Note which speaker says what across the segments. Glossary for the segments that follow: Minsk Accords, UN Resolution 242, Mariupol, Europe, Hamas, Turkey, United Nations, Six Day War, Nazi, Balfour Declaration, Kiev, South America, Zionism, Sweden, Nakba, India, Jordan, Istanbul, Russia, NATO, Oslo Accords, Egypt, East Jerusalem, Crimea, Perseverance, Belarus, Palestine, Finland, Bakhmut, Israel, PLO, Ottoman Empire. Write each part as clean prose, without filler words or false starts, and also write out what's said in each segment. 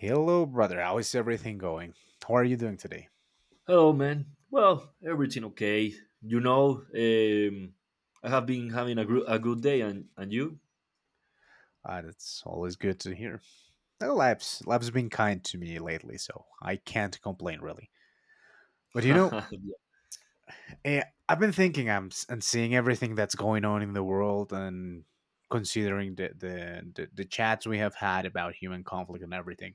Speaker 1: Hello, brother. How is everything going? How are you doing today?
Speaker 2: Hello, man. Well, everything okay. You know, um, I have been having a, a good day, and you?
Speaker 1: That's always good to hear. Lab's been kind to me lately, so I can't complain really. But you know,
Speaker 2: yeah,
Speaker 1: I've been thinking and seeing everything that's going on in the world and considering the chats we have had about human conflict and everything.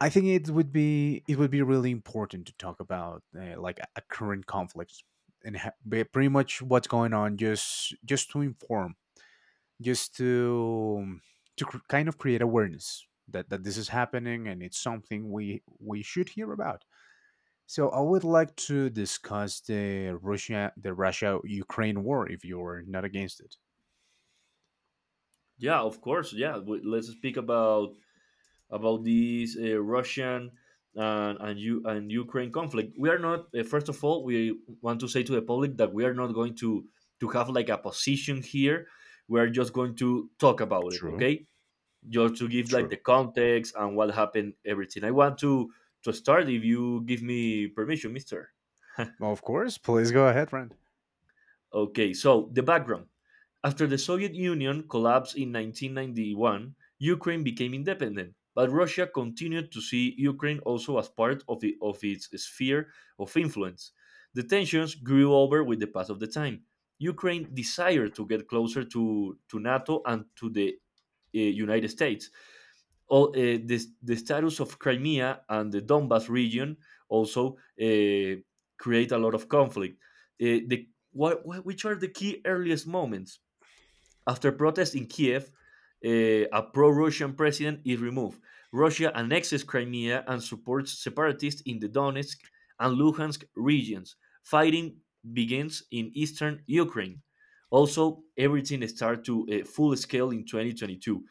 Speaker 1: I think it would be really important to talk about a current conflict and pretty much what's going on just to inform just to kind of create awareness that this is happening and it's something we should hear about. So I would like to discuss the Russia Ukraine war if you're not against it.
Speaker 2: Yeah, of course. Yeah, let's speak about this Russian and Ukraine conflict. We are not. First of all, we want to say to the public that we are not going to have like a position here. We are just going to talk about it.
Speaker 1: True,
Speaker 2: Okay. Just to give like
Speaker 1: true.
Speaker 2: the context and what happened everything. I want to start if you give me permission, mister.
Speaker 1: Well, of course, please go ahead, friend.
Speaker 2: Okay, so the background. After the Soviet Union collapsed in 1991, Ukraine became independent, but Russia continued to see Ukraine also as part of, of its sphere of influence. The tensions grew over with the pass of the time. Ukraine desired to get closer to NATO and to the United States. All, this, the status of Crimea and the Donbas region also create a lot of conflict. The which are the key earliest moments? After protests in Kiev, a pro Russian president is removed. Russia annexes Crimea and supports separatists in the Donetsk and Luhansk regions. Fighting begins in eastern Ukraine. Also, everything starts to a full scale in 2022.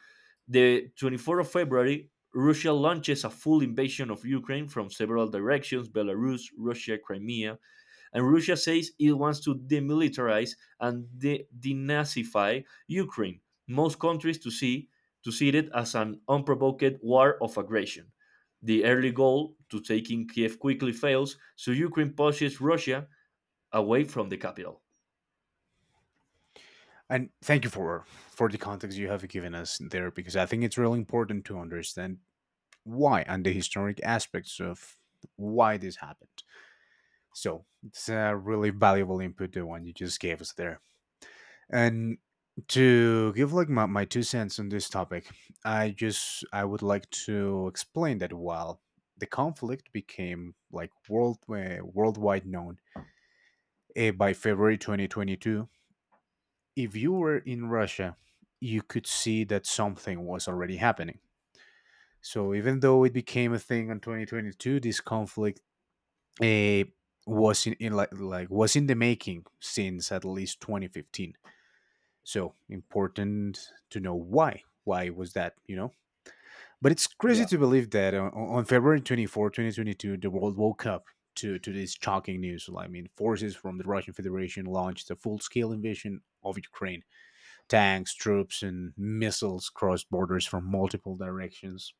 Speaker 2: The 24th of February, Russia launches a full invasion of Ukraine from several directions: Belarus, Russia, Crimea, and Russia says it wants to demilitarize and denazify Ukraine. Most countries to see it as an unprovoked war of aggression. The early goal to taking Kiev quickly fails, so Ukraine pushes Russia away from the capital.
Speaker 1: And thank you for the context you have given us there, because I think it's really important to understand why, and the historic aspects of why this happened. So it's a really valuable input, the one you just gave us there. And to give like my 2 cents on this topic, I would like to explain that while the conflict became like worldwide known by February 2022, if you were in Russia, you could see that something was already happening. So even though it became a thing in 2022, this conflict uh, was in like was in the making since at least 2015. So important to know why. Why was that? You know, but it's
Speaker 2: Yeah,
Speaker 1: crazy to believe that on February 24, 2022, the world woke up to this shocking news. Well, I mean, forces from the Russian Federation launched a full scale invasion of Ukraine, tanks, troops, and missiles crossed borders from multiple directions,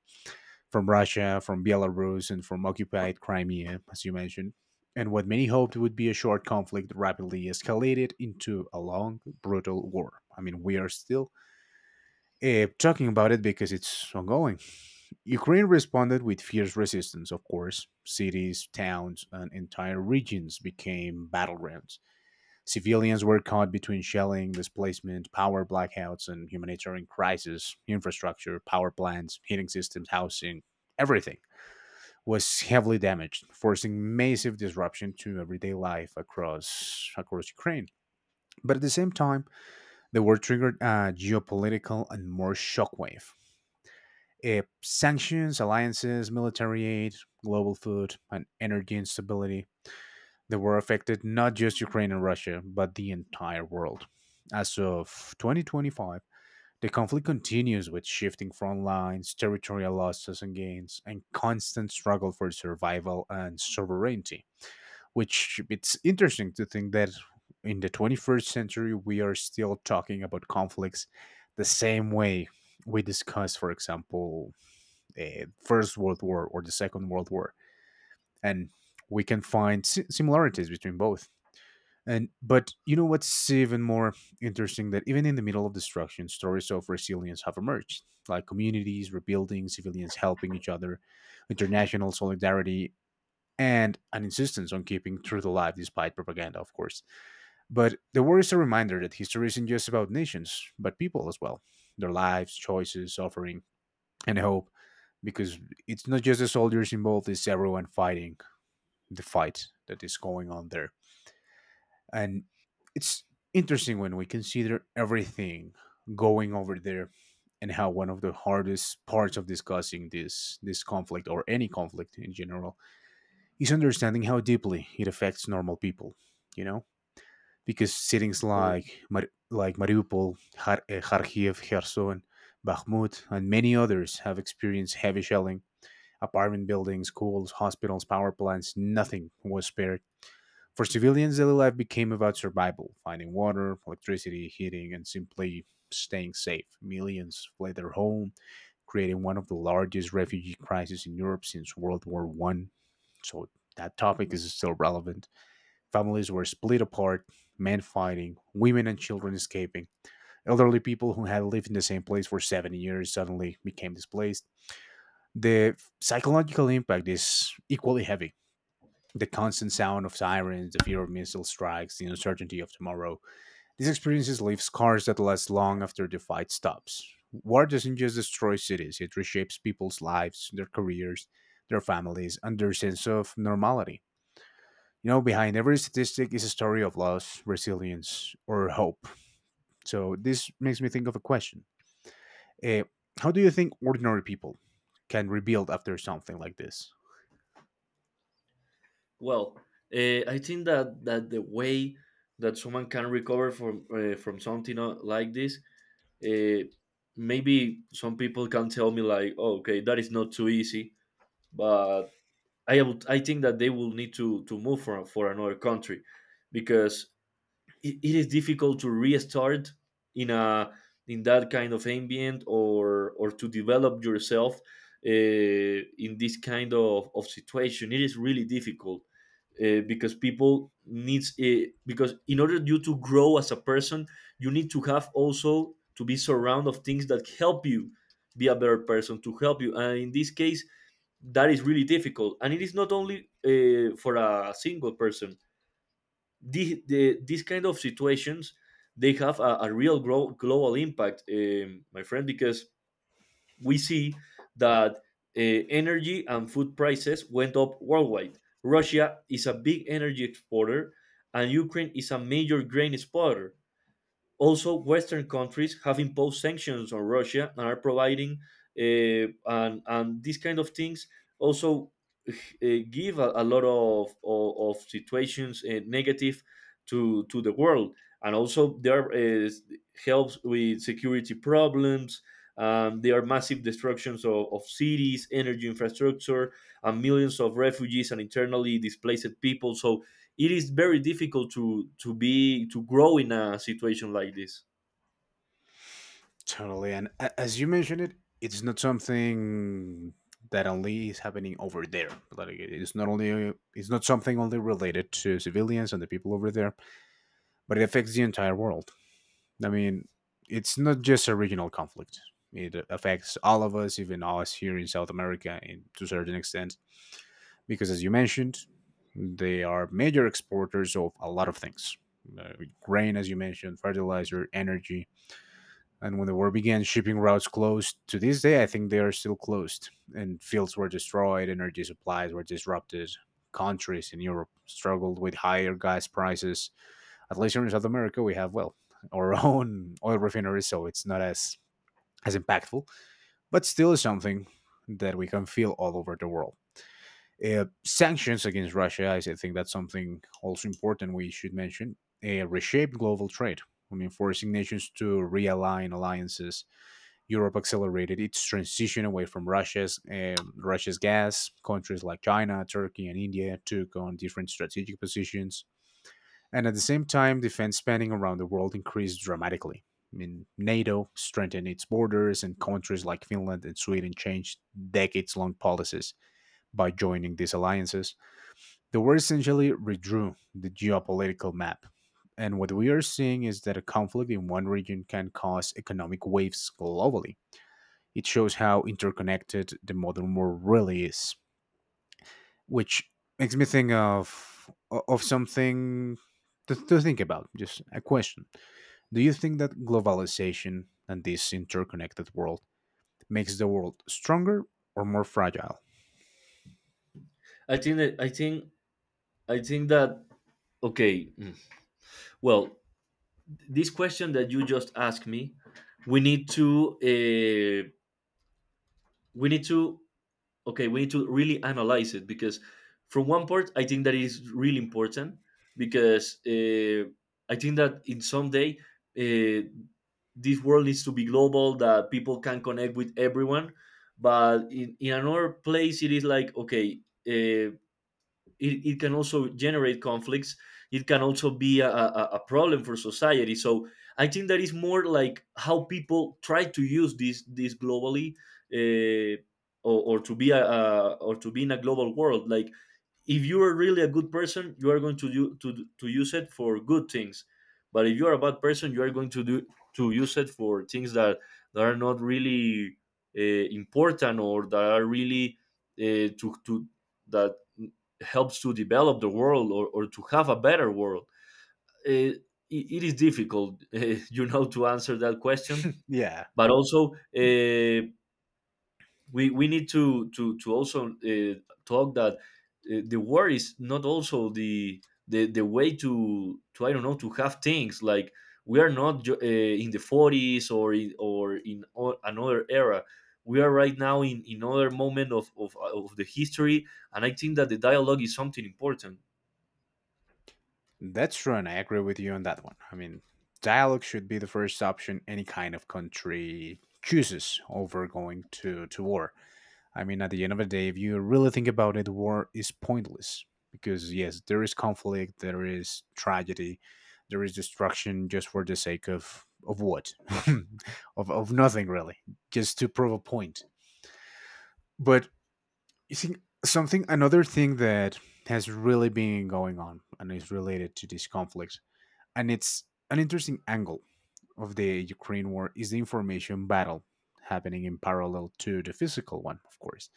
Speaker 1: from Russia, from Belarus, and from occupied Crimea, as you mentioned. And what many hoped would be a short conflict rapidly escalated into a long, brutal war. I mean, we are still talking about it because it's ongoing. Ukraine responded with fierce resistance, of course. Cities, towns, and entire regions became battlegrounds. Civilians were caught between shelling, displacement, power blackouts, and humanitarian crisis. Infrastructure, power plants, heating systems, housing, everything was heavily damaged, forcing massive disruption to everyday life across Ukraine. But at the same time, the war triggered a geopolitical and more shockwave. Sanctions, alliances, military aid, global food, and energy instability, the war affected not just Ukraine and Russia, but the entire world. As of 2025, the conflict continues with shifting front lines, territorial losses and gains, and constant struggle for survival and sovereignty. Which it's interesting to think that in the 21st century, we are still talking about conflicts the same way we discuss, for example, First World War or the Second World War. And we can find similarities between both. And but you know what's even more interesting, that even in the middle of destruction, stories of resilience have emerged, like communities rebuilding, civilians helping each other, international solidarity, and an insistence on keeping truth alive despite propaganda, of course. But the war is a reminder that history isn't just about nations, but people as well, their lives, choices, suffering, and hope. Because it's not just the soldiers involved; it's everyone fighting the fight that is going on there. And it's interesting when we consider everything going over there, and how one of the hardest parts of discussing this conflict or any conflict in general is understanding how deeply it affects normal people, you know? Because cities
Speaker 2: totally.
Speaker 1: like Mariupol, Kharkiv, Kherson, Bakhmut, and many others have experienced heavy shelling. Apartment buildings, schools, hospitals, power plants, nothing was spared. For civilians, daily life became about survival, finding water, electricity, heating, and simply staying safe. Millions fled their home, creating one of the largest refugee crises in Europe since World War One. So that topic is still relevant. Families were split apart, men fighting, women and children escaping. Elderly people who had lived in the same place for 70 years suddenly became displaced. The psychological impact is equally heavy, the constant sound of sirens, the fear of missile strikes, the uncertainty of tomorrow. These experiences leave scars that last long after the fight stops. War doesn't just destroy cities, it reshapes people's lives, their careers, their families, and their sense of normality. You know, behind every statistic is a story of loss, resilience, or hope. So this makes me think of a question. Uh, how do you think ordinary people can rebuild after something like this?
Speaker 2: Well, I think that the way that someone can recover from something like this, uh, maybe some people can tell me like, oh, okay, that is not too easy, but I think that they will need to move for another country, because it is difficult to restart in a in that kind of ambient or to develop yourself uh, in this kind of situation. It is really difficult because people needs it, because in order you to grow as a person, you need to have also to be surrounded of things that help you be a better person to help you. And in this case, that is really difficult, and it is not only for a single person. These kind of situations, they have a real global impact, my friend, because we see that energy and food prices went up worldwide. Russia is a big energy exporter, and Ukraine is a major grain exporter. Also, Western countries have imposed sanctions on Russia and are providing, and these kind of things also uh, give a lot of situations, negative, to the world. And also, there is helps with security problems. There are massive destructions of cities, energy infrastructure, and millions of refugees and internally displaced people. So it is very difficult to be to grow in a situation like this.
Speaker 1: Totally. And as you mentioned it, it's not something that only is happening over there. Like it's not something only related to civilians and the people over there, but it affects the entire world. I mean, it's not just a regional conflict. It affects all of us, even us here in South America, in, to a certain extent, because as you mentioned, they are major exporters of a lot of things: uh, grain, as you mentioned, fertilizer, energy, and when the war began, shipping routes closed. To this day, I think they are still closed, and fields were destroyed, energy supplies were disrupted. Countries in Europe struggled with higher gas prices. At least here in South America, we have, well, our own oil refineries, so it's not as, as impactful, but still something that we can feel all over the world. Sanctions against Russia, I think that's something also important we should mention. Reshape global trade. I mean, forcing nations to realign alliances, Europe accelerated its transition away from Russia's gas. Countries like China, Turkey, and India took on different strategic positions, and at the same time, defense spending around the world increased dramatically. I mean, NATO strengthened its borders, and countries like Finland and Sweden changed decades-long policies by joining these alliances. The war essentially redrew the geopolitical map. And what we are seeing is that a conflict in one region can cause economic waves globally. It shows how interconnected the modern world really is, which makes me think of something to think about. Just a question: do you think that globalization and this interconnected world makes the world stronger or more fragile?
Speaker 2: I think that I think that okay, well, this question that you just asked me, we need to uh, we need to okay, we need to really analyze it, because from one part I think that is really important, because I think that in some day, uh, this world needs to be global, that people can connect with everyone. But in another place it is like okay, uh, it can also generate conflicts. It can also be a problem for society. So I think that is more like how people try to use this globally, uh, or to be a or to be in a global world. Like if you are really a good person, you are going to do to use it for good things. But if you are a bad person, you are going to do to use it for things that that are not really uh, important, or that are really to that helps to develop the world or to have a better world. uh, it, it is difficult, you know, to answer that question.
Speaker 1: Yeah.
Speaker 2: But also, we need to also talk that the war is not also the way to, I don't know, to have things. Like we are not in the 40s, or in another era. We are right now in another moment of the history. And I think that the dialogue is something important.
Speaker 1: That's true, and I agree with you on that one. I mean, dialogue should be the first option any kind of country chooses over going to war. I mean, at the end of the day, if you really think about it, war is pointless because, yes, there is conflict, there is tragedy, there is destruction just for the sake of what? Of nothing, really, just to prove a point. But you think something, another thing that has really been going on and is related to this conflict, and it's an interesting angle of the Ukraine war, is the information battle happening in parallel to the physical one, of course.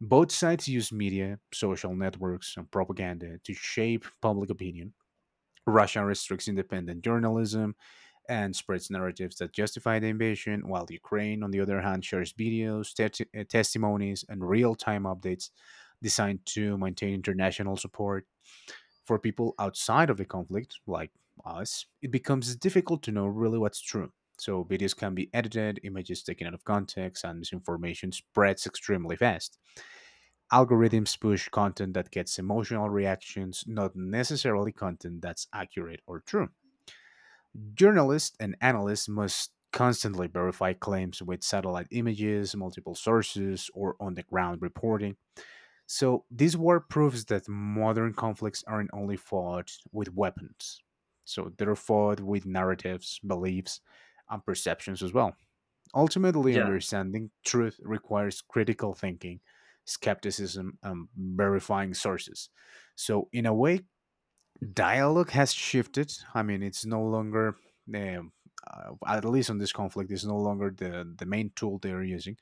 Speaker 1: Both sides use media, social networks, and propaganda to shape public opinion. Russia restricts independent journalism and spreads narratives that justify the invasion, while Ukraine, on the other hand, shares videos, testimonies, and real time updates designed to maintain international support. For people outside of the conflict, like us, it becomes difficult to know really what's true. So, videos can be edited, images taken out of context, and misinformation spreads extremely fast. Algorithms push content that gets emotional reactions, not necessarily content that's accurate or true. Journalists and analysts must constantly verify claims with satellite images, multiple sources, or on the ground reporting. So, this war proves that modern conflicts aren't only fought with weapons. So, they're fought with narratives, beliefs, and perceptions as well. Ultimately,
Speaker 2: Yeah.
Speaker 1: understanding truth requires critical thinking, skepticism, and verifying sources. So, in a way, dialogue has shifted. I mean, it's no longer, um, at least on this conflict, is no longer the main tool they're using,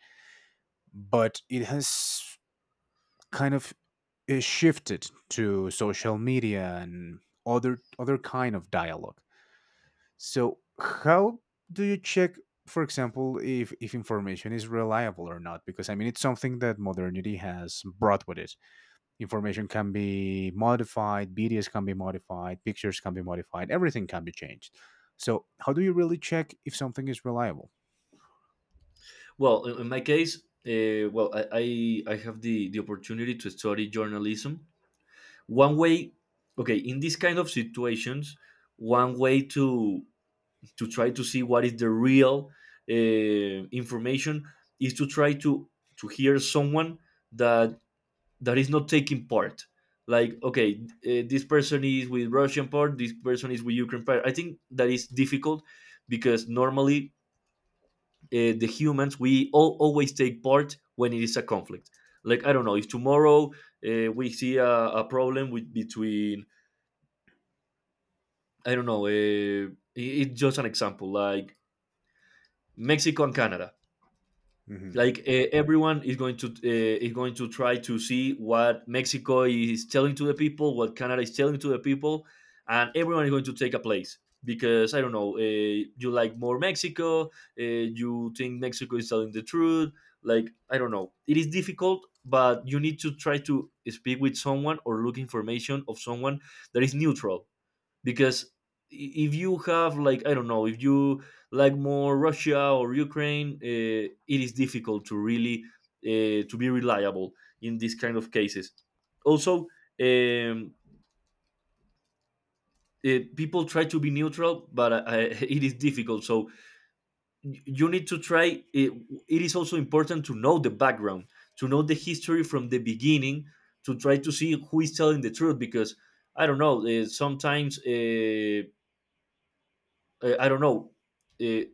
Speaker 1: but it has kind of shifted to social media and other kind of dialogue. So how do you check, for example, if information is reliable or not? Because I mean, it's something that modernity has brought with it. Information can be modified, videos can be modified, pictures can be modified, everything can be changed. So how do you really check if something is reliable?
Speaker 2: Well, in my case, well, I have the opportunity to study journalism. One way, okay, in these kind of situations, one way to try to see what is the real uh, information, is to try to hear someone that is not taking part. Like, okay, this person is with Russian part, this person is with Ukraine part. I think that is difficult, because normally the humans, we all always take part when it is a conflict. Like I don't know, if tomorrow we see a problem with between, I don't know, it's just an example, like Mexico and Canada.
Speaker 1: Hmm.
Speaker 2: Like everyone is going to try to see what Mexico is telling to the people, what Canada is telling to the people, and everyone is going to take a place, because I don't know, you like more Mexico, you think Mexico is telling the truth, like I don't know. It is difficult, but you need to try to speak with someone or look information of someone that is neutral, because if you have like I don't know, if you like more Russia or Ukraine, it is difficult to really to be reliable in these kind of cases. Also, um, people try to be neutral, but it is difficult. So you need to try. it, it is also important to know the background, to know the history from the beginning, to try to see who is telling the truth, because I don't know, sometimes I don't know, uh,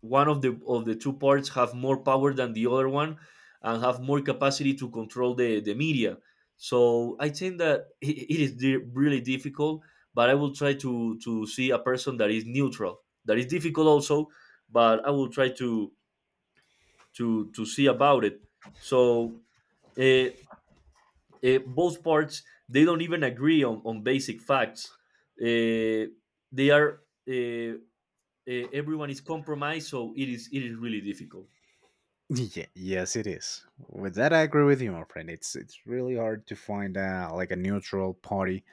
Speaker 2: one of the two parts have more power than the other one, and have more capacity to control the media. So I think that really difficult. But I will try to see a person that is neutral. That is difficult also, but I will try to see about it. So uh, both parts, they don't even agree on basic facts. Uh, they are uh, everyone is compromised, so it is really difficult.
Speaker 1: Yeah, yes, it is. With that, I agree with you, my friend. It's really hard to find a, like a neutral party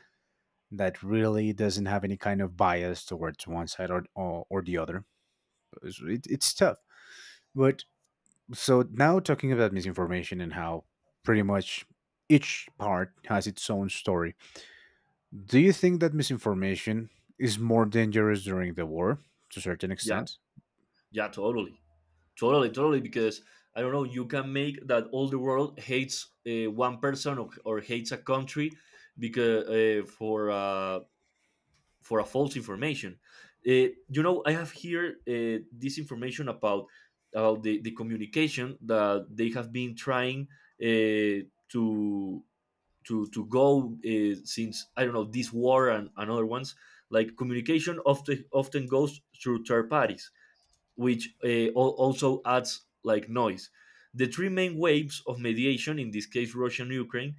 Speaker 1: that really doesn't have any kind of bias towards one side or or the other. It's, it, it's tough. But so now talking about misinformation and how pretty much each part has its own story. Do you think that misinformation is more dangerous during the war to a certain
Speaker 2: Yeah,
Speaker 1: extent?
Speaker 2: yeah, totally. Totally, because I don't know, you can make that all the world hates one person, or hates a country, because for for a false information. Uh, you know, I have here this information about the communication that they have been trying uh, to to go since I don't know, this war and other ones. Like communication often goes through third parties, which also adds like noise. The three main waves of mediation, in this case, Russia and Ukraine,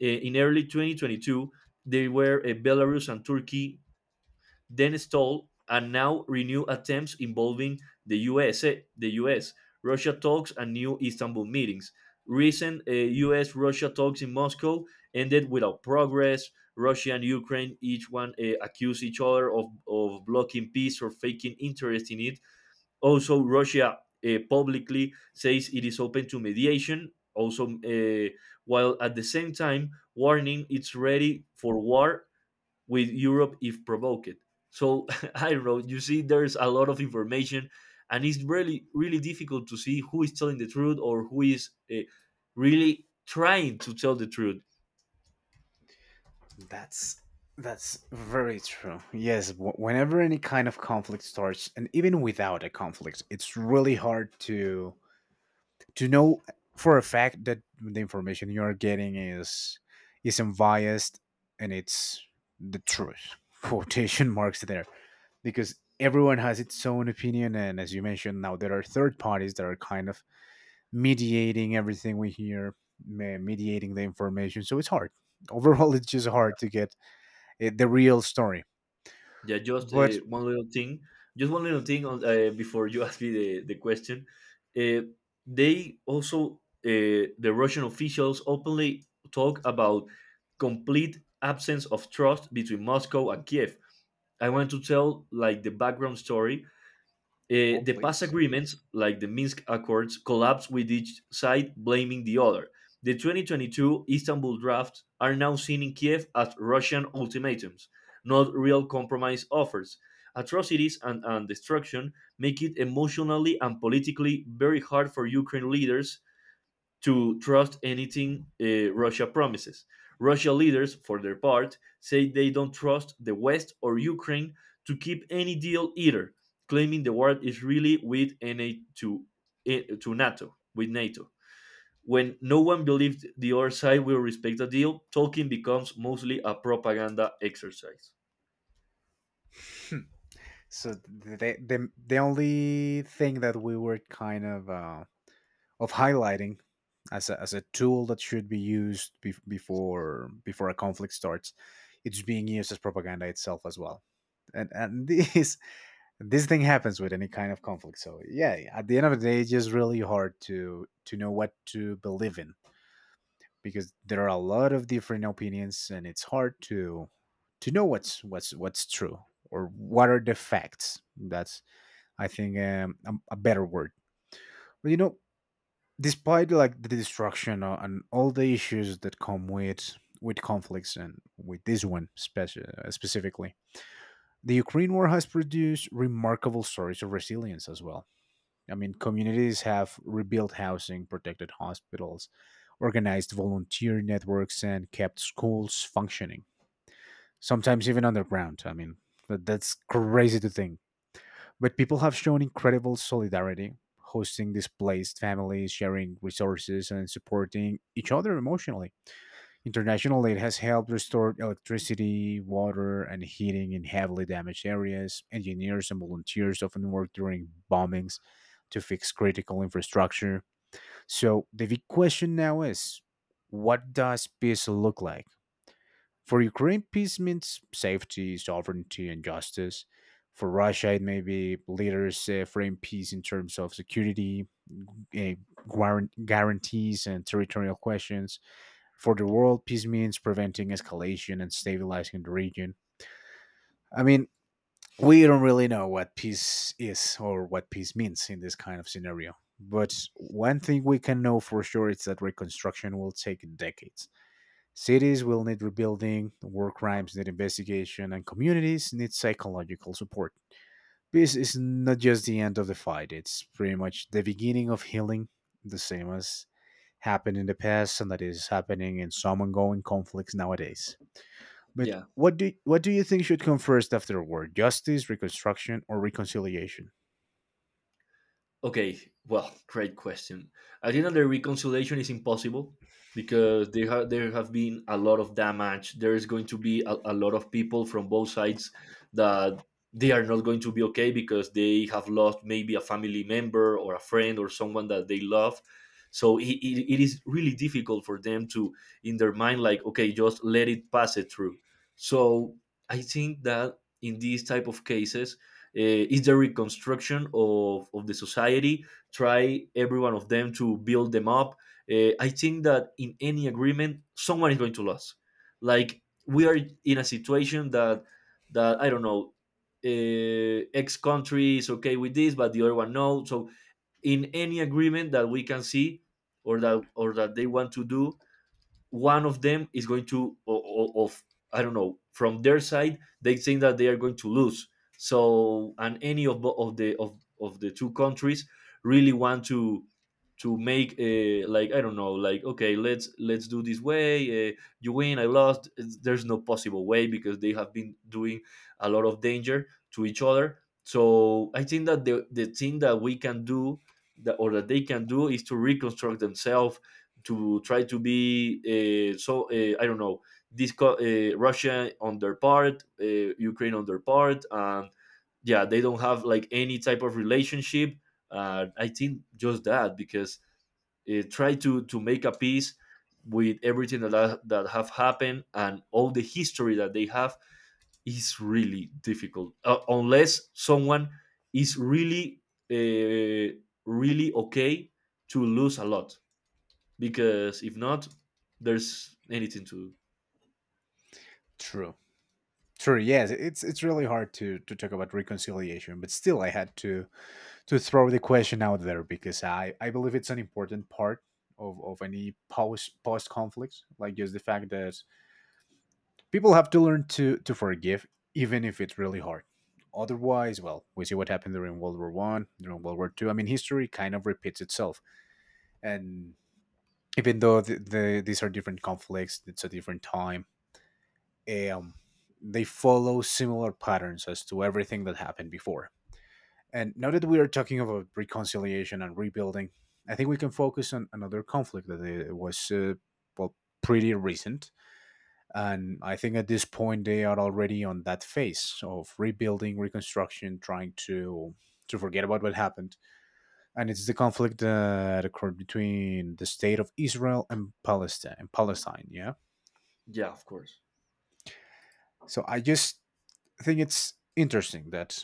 Speaker 2: in early 2022, they were Belarus and Turkey, then stalled, and now renew attempts involving the US, the US, Russia talks, and new Istanbul meetings. Recent US Russia talks in Moscow ended without progress. Russia and Ukraine each one accused each other of blocking peace or faking interest in it. Also, Russia publicly says it is open to mediation. Also, while at the same time warning it's ready for war with Europe if provoked. So I wrote, you see, there's a lot of information, and it's really, really difficult to see who is telling the truth, or who is really trying to tell the truth.
Speaker 1: That's that's very true. Yes, whenever any kind of conflict starts, and even without a conflict, it's really hard to know for a fact that the information you are getting is unbiased and it's the truth quotation marks there, because everyone has its own opinion, and as you mentioned, now there are third parties that are kind of mediating everything we hear, mediating the information. So it's hard overall it's just hard to get the real story.
Speaker 2: Yeah, just
Speaker 1: But
Speaker 2: one little thing, just one little thing on, before you ask me the question. Uh, they also, the Russian officials openly talk about complete absence of trust between Moscow and Kiev. I want to tell like the background story.
Speaker 1: oh
Speaker 2: The past
Speaker 1: please.
Speaker 2: agreements, like the Minsk Accords, collapsed with each side blaming the other. The 2022 Istanbul drafts are now seen in Kiev as Russian ultimatums, not real compromise offers. Atrocities and destruction make it emotionally and politically very hard for Ukraine leaders to trust anything Russia promises. Russia leaders, for their part, say they don't trust the West or Ukraine to keep any deal either, claiming the war is really with NA to, eh, to NATO, with NATO. When no one believes the other side will respect a deal, talking becomes mostly a propaganda exercise.
Speaker 1: So the only thing that we were kind of highlighting as as a tool that should be used before a conflict starts, it's being used as propaganda itself as well. And this thing happens with any kind of conflict. So yeah, at the end of the day, it's just really hard to know what to believe in, because there are a lot of different opinions and it's hard to know what's true, or what are the facts. That's, I think a better word. But you know, despite like the destruction and all the issues that come with conflicts and with this one, specifically, the Ukraine war has produced remarkable stories of resilience as well. I mean, communities have rebuilt housing, protected hospitals, organized volunteer networks, and kept schools functioning, sometimes even underground. I mean, that's crazy to think. But people have shown incredible solidarity, hosting displaced families, sharing resources, and supporting each other emotionally. International aid has helped restore electricity, water, and heating in heavily damaged areas. Engineers and volunteers often work during bombings to fix critical infrastructure. So, the big question now is, what does peace look like? For Ukraine, peace means safety, sovereignty, and justice. For Russia, it may be leaders frame peace in terms of security, uh, guarantees, and territorial questions. For the world, peace means preventing escalation and stabilizing the region. I mean, we don't really know what peace is or what peace means in this kind of scenario. But one thing we can know for sure is that reconstruction will take decades. Cities will need rebuilding, war crimes need investigation, and communities need psychological support. Peace is not just the end of the fight, it's pretty much the beginning of healing, the same as happened in the past and that is happening in some ongoing conflicts nowadays. But
Speaker 2: Yeah.
Speaker 1: what do you think should come first after war? Justice, reconstruction, or reconciliation?
Speaker 2: Okay, well, great question. I think that the reconciliation is impossible because there have been a lot of damage. There is going to be a lot of people from both sides that they are not going to be okay because they have lost maybe a family member or a friend or someone that they love. So it is really difficult for them to in their mind like okay, just let it pass it through. So I think that in these type of cases is the reconstruction of the society, try every one of them to build them up. I think that in any agreement someone is going to lose, like we are in a situation that I don't know, x country is okay with this but the other one no. So in any agreement that we can see, or that they want to do, one of them is going to o- of I don't know, from their side they think that they are going to lose. So and any of the two countries really want to make a, like I don't know, like okay, let's do this way. You win, I lost. There's no possible way because they have been doing a lot of danger to each other. So I think that the thing that we can do, that or that they can do, is to reconstruct themselves, to try to be I don't know, Russia on their part, Ukraine on their part, and yeah, they don't have like any type of relationship. I think just that because try to make a peace with everything that have happened and all the history that they have is really difficult unless someone is really uh, really okay to lose a lot, because if not, there's anything to.
Speaker 1: True. True. Yes, it's really hard to talk about reconciliation, but still, I had to throw the question out there, because I believe it's an important part of any post conflicts. Like, just the fact that people have to learn to forgive, even if it's really hard. Otherwise, well, we see what happened during World War One, during World War Two. I mean, history kind of repeats itself. And even though these are different conflicts, it's a different time. um, they follow similar patterns as to everything that happened before. And now that we are talking about reconciliation and rebuilding, I think we can focus on another conflict that was well, pretty recent. And I think at this point they are already on that phase of rebuilding, reconstruction, trying to forget about what happened. And it's the conflict that occurred between the state of Israel and Palestine. And Palestine, yeah.
Speaker 2: Yeah, of course.
Speaker 1: So I just think it's interesting that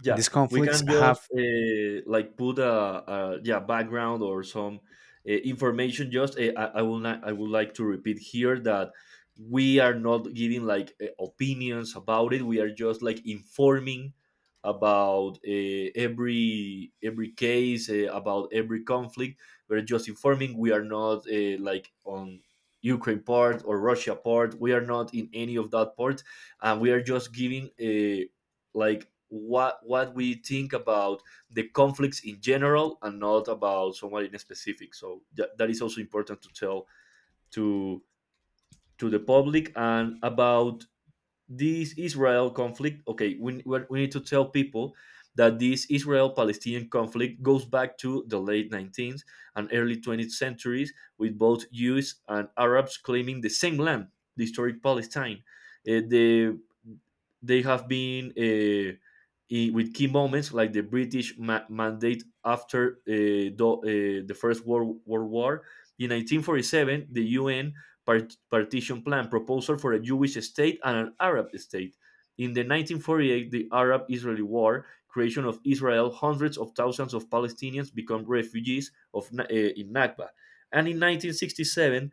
Speaker 2: Yeah,
Speaker 1: these
Speaker 2: we
Speaker 1: conflicts
Speaker 2: can just
Speaker 1: have
Speaker 2: like put a yeah background or some information. Just I will not, I would like to repeat here that we are not giving like opinions about it. We are just like informing about every case, about every conflict. We're just informing. We are not like on Ukraine part or Russia part. We are not in any of that part, and we are just giving. Like what we think about the conflicts in general and not about someone in specific. So that, that is also important to tell to to the public. And about this Israel conflict, okay, we need to tell people that this Israel-Palestinian conflict goes back to the late 19th and early 20th centuries, with both Jews and Arabs claiming the same land, the historic Palestine. uh, the they have been in, with key moments like the British mandate after the World War. In 1947, the UN partition plan proposal for a Jewish state and an Arab state. In the 1948, the Arab-Israeli War, creation of Israel, hundreds of thousands of Palestinians become refugees of Na- eh, in Nakba. And in 1967,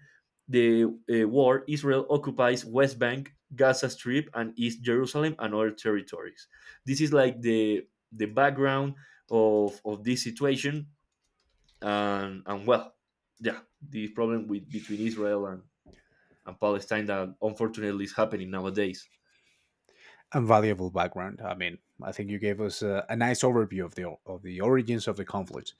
Speaker 2: the war, Israel occupies West Bank, Gaza Strip, and East Jerusalem, and other territories. This is like the background of this situation. And well, yeah, the problem with between Israel and Palestine that unfortunately is happening nowadays.
Speaker 1: a valuable background. I mean, I think you gave us a nice overview of the origins of the conflict.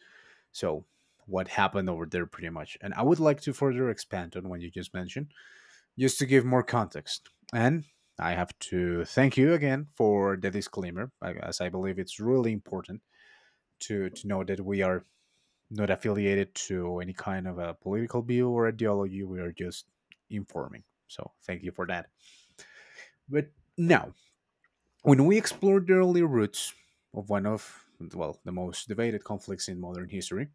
Speaker 1: So, what happened over there, pretty much. And I would like to further expand on what you just mentioned, just to give more context. And I have to thank you again for the disclaimer, as I believe it's really important to know that we are not affiliated to any kind of a political view or ideology. We are just informing. So, thank you for that. But now, when we explored the early roots of one of, well, the most debated conflicts in modern history,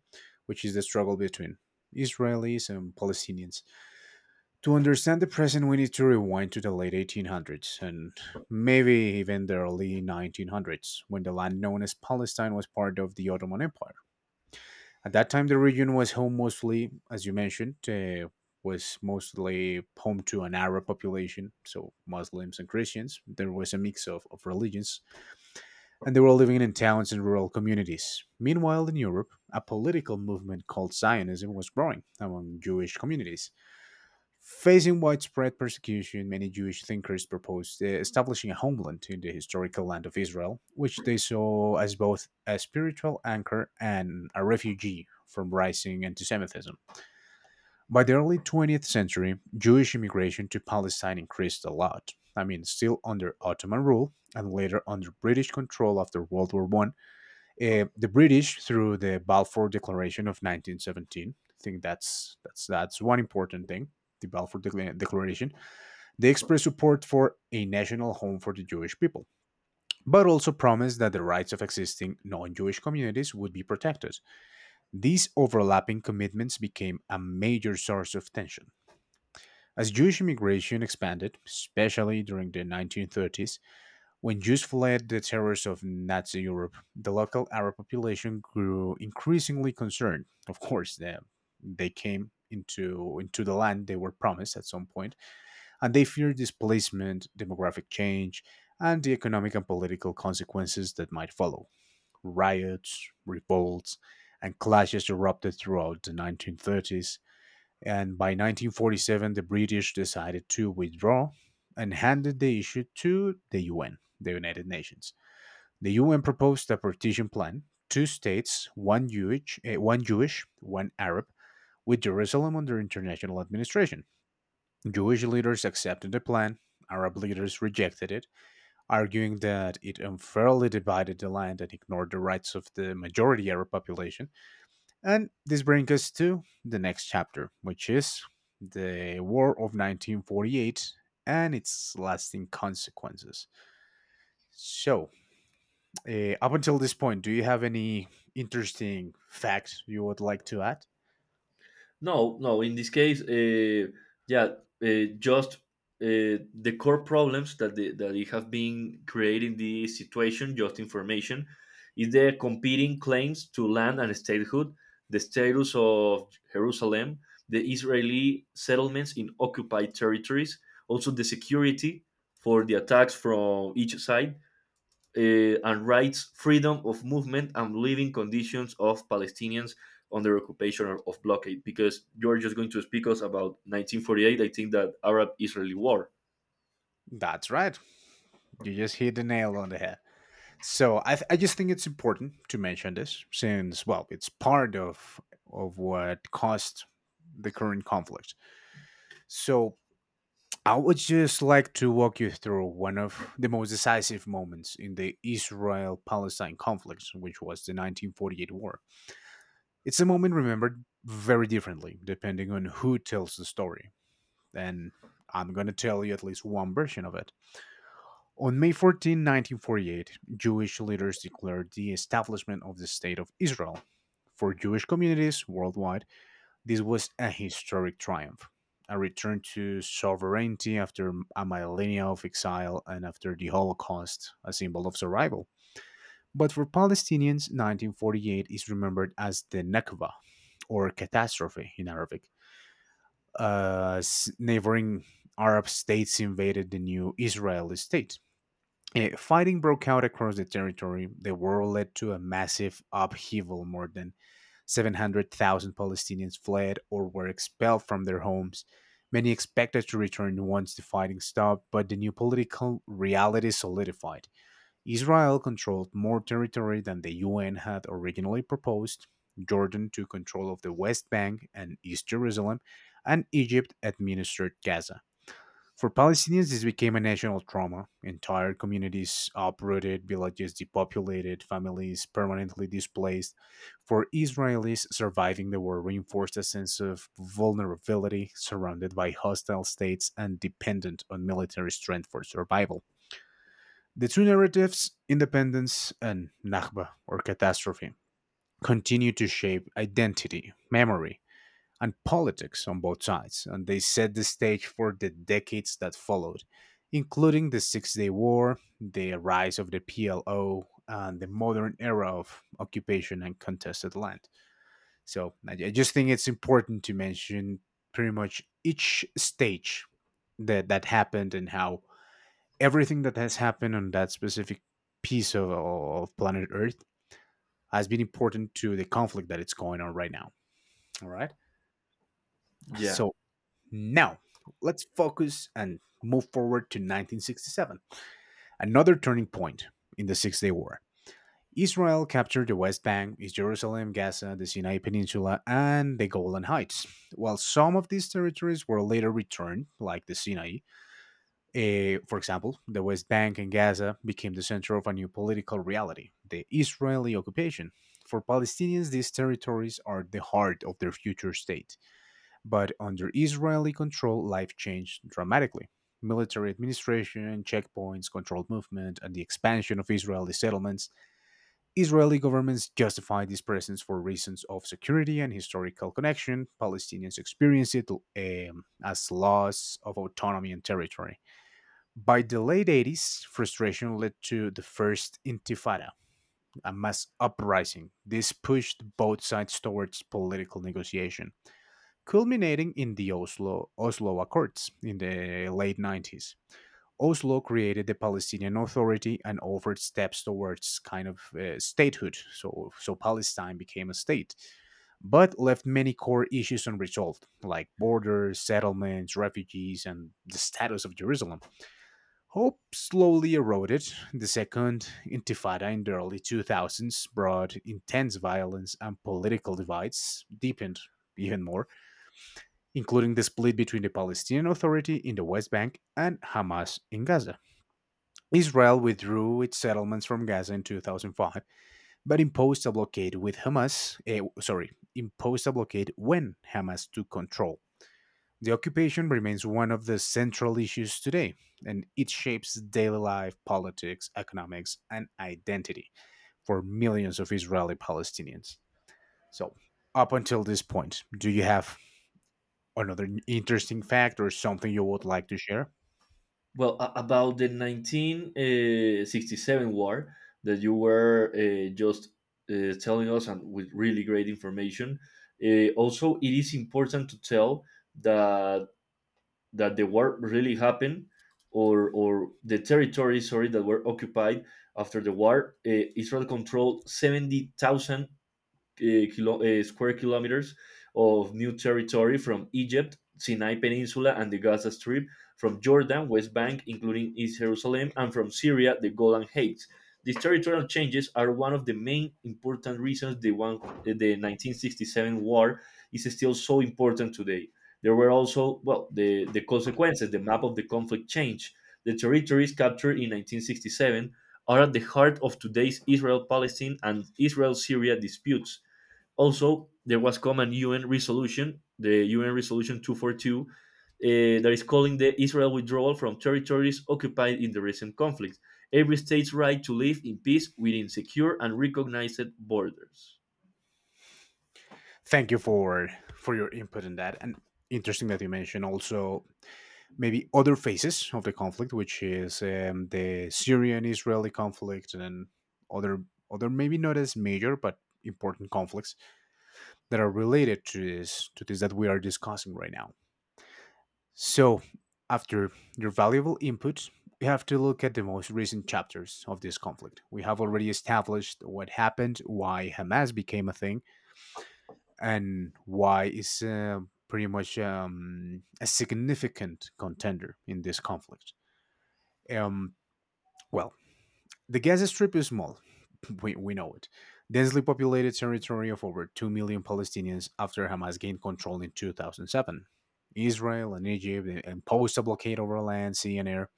Speaker 1: which is the struggle between Israelis and Palestinians, to understand the present, we need to rewind to the late 1800s, and maybe even the early 1900s, when the land known as Palestine was part of the Ottoman Empire. At that time, the region was home mostly, as you mentioned, was mostly home to an Arab population, so Muslims and Christians. There was a mix of religions, and they were all living in towns and rural communities. Meanwhile, in Europe, a political movement called Zionism was growing among Jewish communities. Facing widespread persecution, many Jewish thinkers proposed establishing a homeland in the historical land of Israel, which they saw as both a spiritual anchor and a refuge from rising anti Semitism. By the early 20th century, Jewish immigration to Palestine increased a lot. I mean, still under Ottoman rule and later under British control after World War One. The British, through the Balfour Declaration of 1917, I think that's that's one important thing. The Balfour Declaration, they expressed support for a national home for the Jewish people, but also promised that the rights of existing non-Jewish communities would be protected. These overlapping commitments became a major source of tension. As Jewish immigration expanded, especially during the 1930s, when Jews fled the terrors of Nazi Europe, the local Arab population grew increasingly concerned. Of course, they came into the land they were promised at some point, and they feared displacement, demographic change, and the economic and political consequences that might follow. Riots, revolts, and clashes erupted throughout the 1930s, and by 1947, the British decided to withdraw and handed the issue to the UN, the United Nations. The UN proposed a partition plan: two states, one Jewish, one Arab, with Jerusalem under international administration. Jewish leaders accepted the plan. Arab leaders rejected it, arguing that it unfairly divided the land and ignored the rights of the majority Arab population. And this brings us to the next chapter, which is the War of 1948 and its lasting consequences. So, uh, up until this point, do you have any interesting facts you would like to add?
Speaker 2: No, no. In this case, yeah, just the core problems that the, that it has been creating this situation, just information, is the competing claims to land and statehood, the status of Jerusalem, the Israeli settlements in occupied territories, also the security for the attacks from each side, uh, and rights, freedom of movement, and living conditions of Palestinians under occupation or of blockade. Because you're just going to speak us about 1948. I think that Arab-Israeli war.
Speaker 1: That's right. You just hit the nail on the head. So I just think it's important to mention this, since, well, it's part of what caused the current conflict. So I would just like to walk you through one of the most decisive moments in the Israel Palestine conflict, which was the 1948 war. It's a moment remembered very differently depending on who tells the story, and I'm going to tell you at least one version of it. On May 14, 1948, Jewish leaders declared the establishment of the State of Israel. For Jewish communities worldwide, this was a historic triumph, a return to sovereignty after a millennia of exile, and after the Holocaust, a symbol of survival. But for Palestinians, 1948 is remembered as the Nakba, or catastrophe in Arabic. Neighboring Arab states invaded the new Israeli state. Eh, fighting broke out across the territory. The war led to a massive upheaval. More than 700,000 Palestinians fled or were expelled from their homes. Many expected to return once the fighting stopped, but the new political reality solidified. Israel controlled more territory than the UN had originally proposed. Jordan took control of the West Bank and East Jerusalem, and Egypt administered Gaza. For Palestinians, this became a national trauma. Entire communities uprooted, villages depopulated, families permanently displaced. For Israelis, surviving the war reinforced a sense of vulnerability, surrounded by hostile states and dependent on military strength for survival. The two narratives, independence and Nakba or catastrophe, continue to shape identity, memory, and politics on both sides, and they set the stage for the decades that followed, including the Six Day War, the rise of the PLO, and the modern era of occupation and contested land. So I just think it's important to mention pretty much each stage that happened, and how everything that has happened on that specific piece of planet Earth has been important to the conflict that it's going on right now. All right.
Speaker 2: Yeah.
Speaker 1: So now let's focus and move forward to 1967, another turning point in the Six Day War. Israel captured the West Bank, East Jerusalem, Gaza, the Sinai Peninsula, and the Golan Heights. While some of these territories were later returned, like the Sinai, eh, for example, the West Bank and Gaza became the center of a new political reality, the Israeli occupation. For Palestinians, these territories are the heart of their future state. But under Israeli control, life changed dramatically. Military administration, checkpoints, controlled movement, and the expansion of Israeli settlements. Israeli governments justified this presence for reasons of security and historical connection. Palestinians experienced it as loss of autonomy and territory. By the late 80s, frustration led to the First Intifada, a mass uprising. This pushed both sides towards political negotiation, culminating in the Oslo Accords in the late 90s. Oslo created the Palestinian Authority and offered steps towards kind of statehood, so Palestine became a state, but left many core issues unresolved, like borders, settlements, refugees, and the status of Jerusalem. Hope slowly eroded. The Second Intifada in the early 2000s brought intense violence and political divides, deepened even more, including the split between the Palestinian Authority in the West Bank and Hamas in Gaza. Israel withdrew its settlements from Gaza in 2005, but imposed a blockade with Hamas, eh, sorry, imposed a blockade when Hamas took control. The occupation remains one of the central issues today, and it shapes daily life, politics, economics, and identity for millions of Israeli Palestinians. So, up until this point, do you have another interesting fact or something you would like to share?
Speaker 2: Well, about the 1967 war that you were just telling us, and with really great information. Also, it is important to tell that that the war really happened, or the territories sorry that were occupied after the war, Israel controlled 70,000 square kilometers of new territory, from Egypt, Sinai Peninsula, and the Gaza Strip, from Jordan, West Bank, including East Jerusalem, and from Syria, the Golan Heights. These territorial changes are one of the main important reasons the, one, the 1967 war is still so important today. There were also, well, the consequences, the map of the conflict changed. The territories captured in 1967 are at the heart of today's Israel Palestine and Israel Syria disputes. Also, there was come an UN resolution, the UN Resolution 242, that is calling the Israel withdrawal from territories occupied in the recent conflicts. Every state's right to live in peace within secure and recognized borders.
Speaker 1: Thank you for your input in that, and interesting that you mentioned also maybe other phases of the conflict, which is the Syrian-Israeli conflict and other other maybe not as major but important conflicts that are related to this that we are discussing right now. So after your valuable input, we have to look at the most recent chapters of this conflict. We have already established what happened, why Hamas became a thing, and why it's pretty much a significant contender in this conflict. Um, Well, the Gaza Strip is small, we know it. Densely populated territory of over 2 million Palestinians after Hamas gained control in 2007. Israel and Egypt imposed a blockade over land, sea, and air,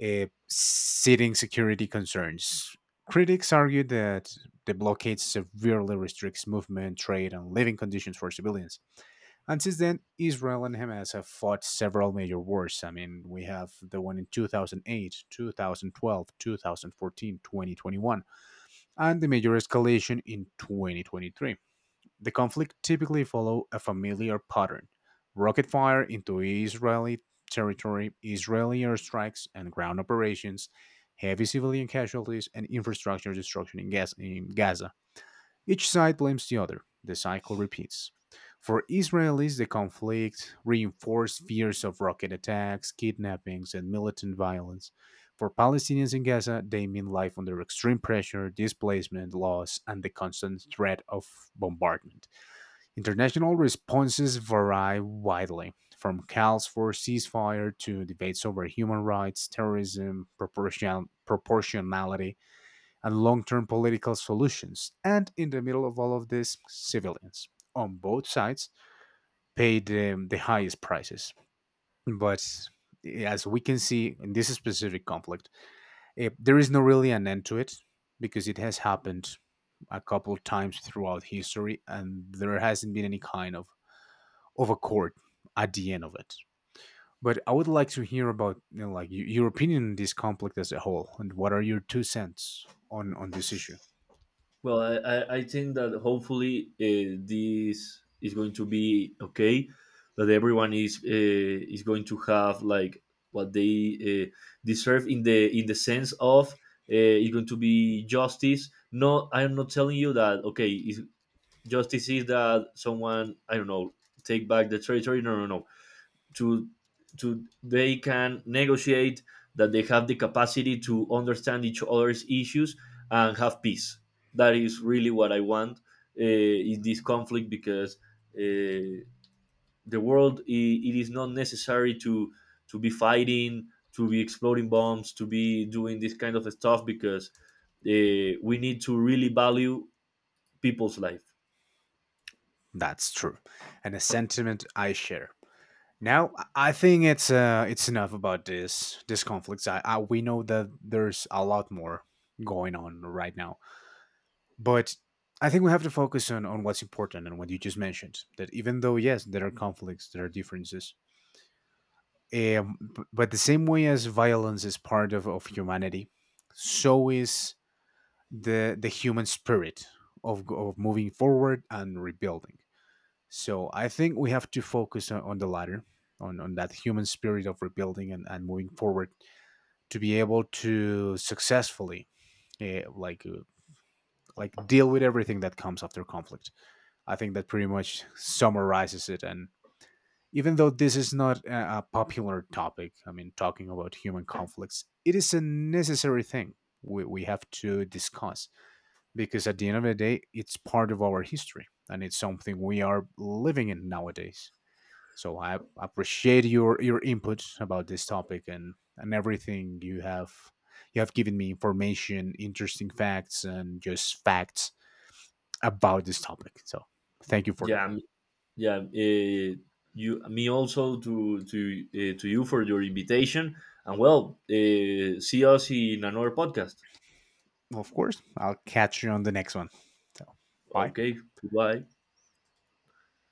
Speaker 1: citing security concerns. Critics argued that the blockade severely restricts movement, trade, and living conditions for civilians. And since then, Israel and Hamas have fought several major wars. I mean, we have the one in 2008, 2012, 2014, 2021, and the major escalation in 2023. The conflict typically follows a familiar pattern. Rocket fire into Israeli territory, Israeli airstrikes and ground operations, heavy civilian casualties, and infrastructure destruction in Gaza. Each side blames the other. The cycle repeats. For Israelis, the conflict reinforced fears of rocket attacks, kidnappings, and militant violence. For Palestinians in Gaza, they mean life under extreme pressure, displacement, loss, and the constant threat of bombardment. International responses vary widely, from calls for ceasefire to debates over human rights, terrorism, proportionality, and long term political solutions. And in the middle of all of this, civilians on both sides paid the highest prices. But as we can see in this specific conflict, eh, there is no really an end to it because it has happened a couple of times throughout history and there hasn't been any kind of accord at the end of it. But I would like to hear about you know, like your opinion on this conflict as a whole and what are your two cents on this issue?
Speaker 2: Well, I think that hopefully this is going to be okay, that everyone is going to have like what they deserve in the sense of it's going to be justice. No, I am not telling you that okay, is justice is that someone I don't know take back the territory. No, no, no, to to they can negotiate, that they have the capacity to understand each other's issues and have peace. That is really what I want in this conflict. Because uh, the world I it is not necessary to be fighting, to be exploding bombs, to be doing this kind of stuff, because we need to really value people's life.
Speaker 1: That's true, and a sentiment I share. Now, I think it's enough about this conflicts. I we know that there's a lot more going on right now, but I think we have to focus on what's important and what you just mentioned. That even though yes, there are conflicts, there are differences, but the same way as violence is part of humanity, so is the human spirit of moving forward and rebuilding. So I think we have to focus on the latter, on that human spirit of rebuilding and moving forward to be able to successfully eh, like uh, like deal with everything that comes after conflict. I think that pretty much summarizes it. And even though this is not a popular topic, I mean, talking about human conflicts, it is a necessary thing we have to discuss because at the end of the day, it's part of our history and it's something we are living in nowadays. So I appreciate your input about this topic and everything you have given me information, interesting facts, and just facts about this topic. So thank you for that.
Speaker 2: Yeah, yeah, you me also to you for your invitation. And well, see us in another podcast.
Speaker 1: Of course, I'll catch you on the next one. So bye.
Speaker 2: Okay, goodbye.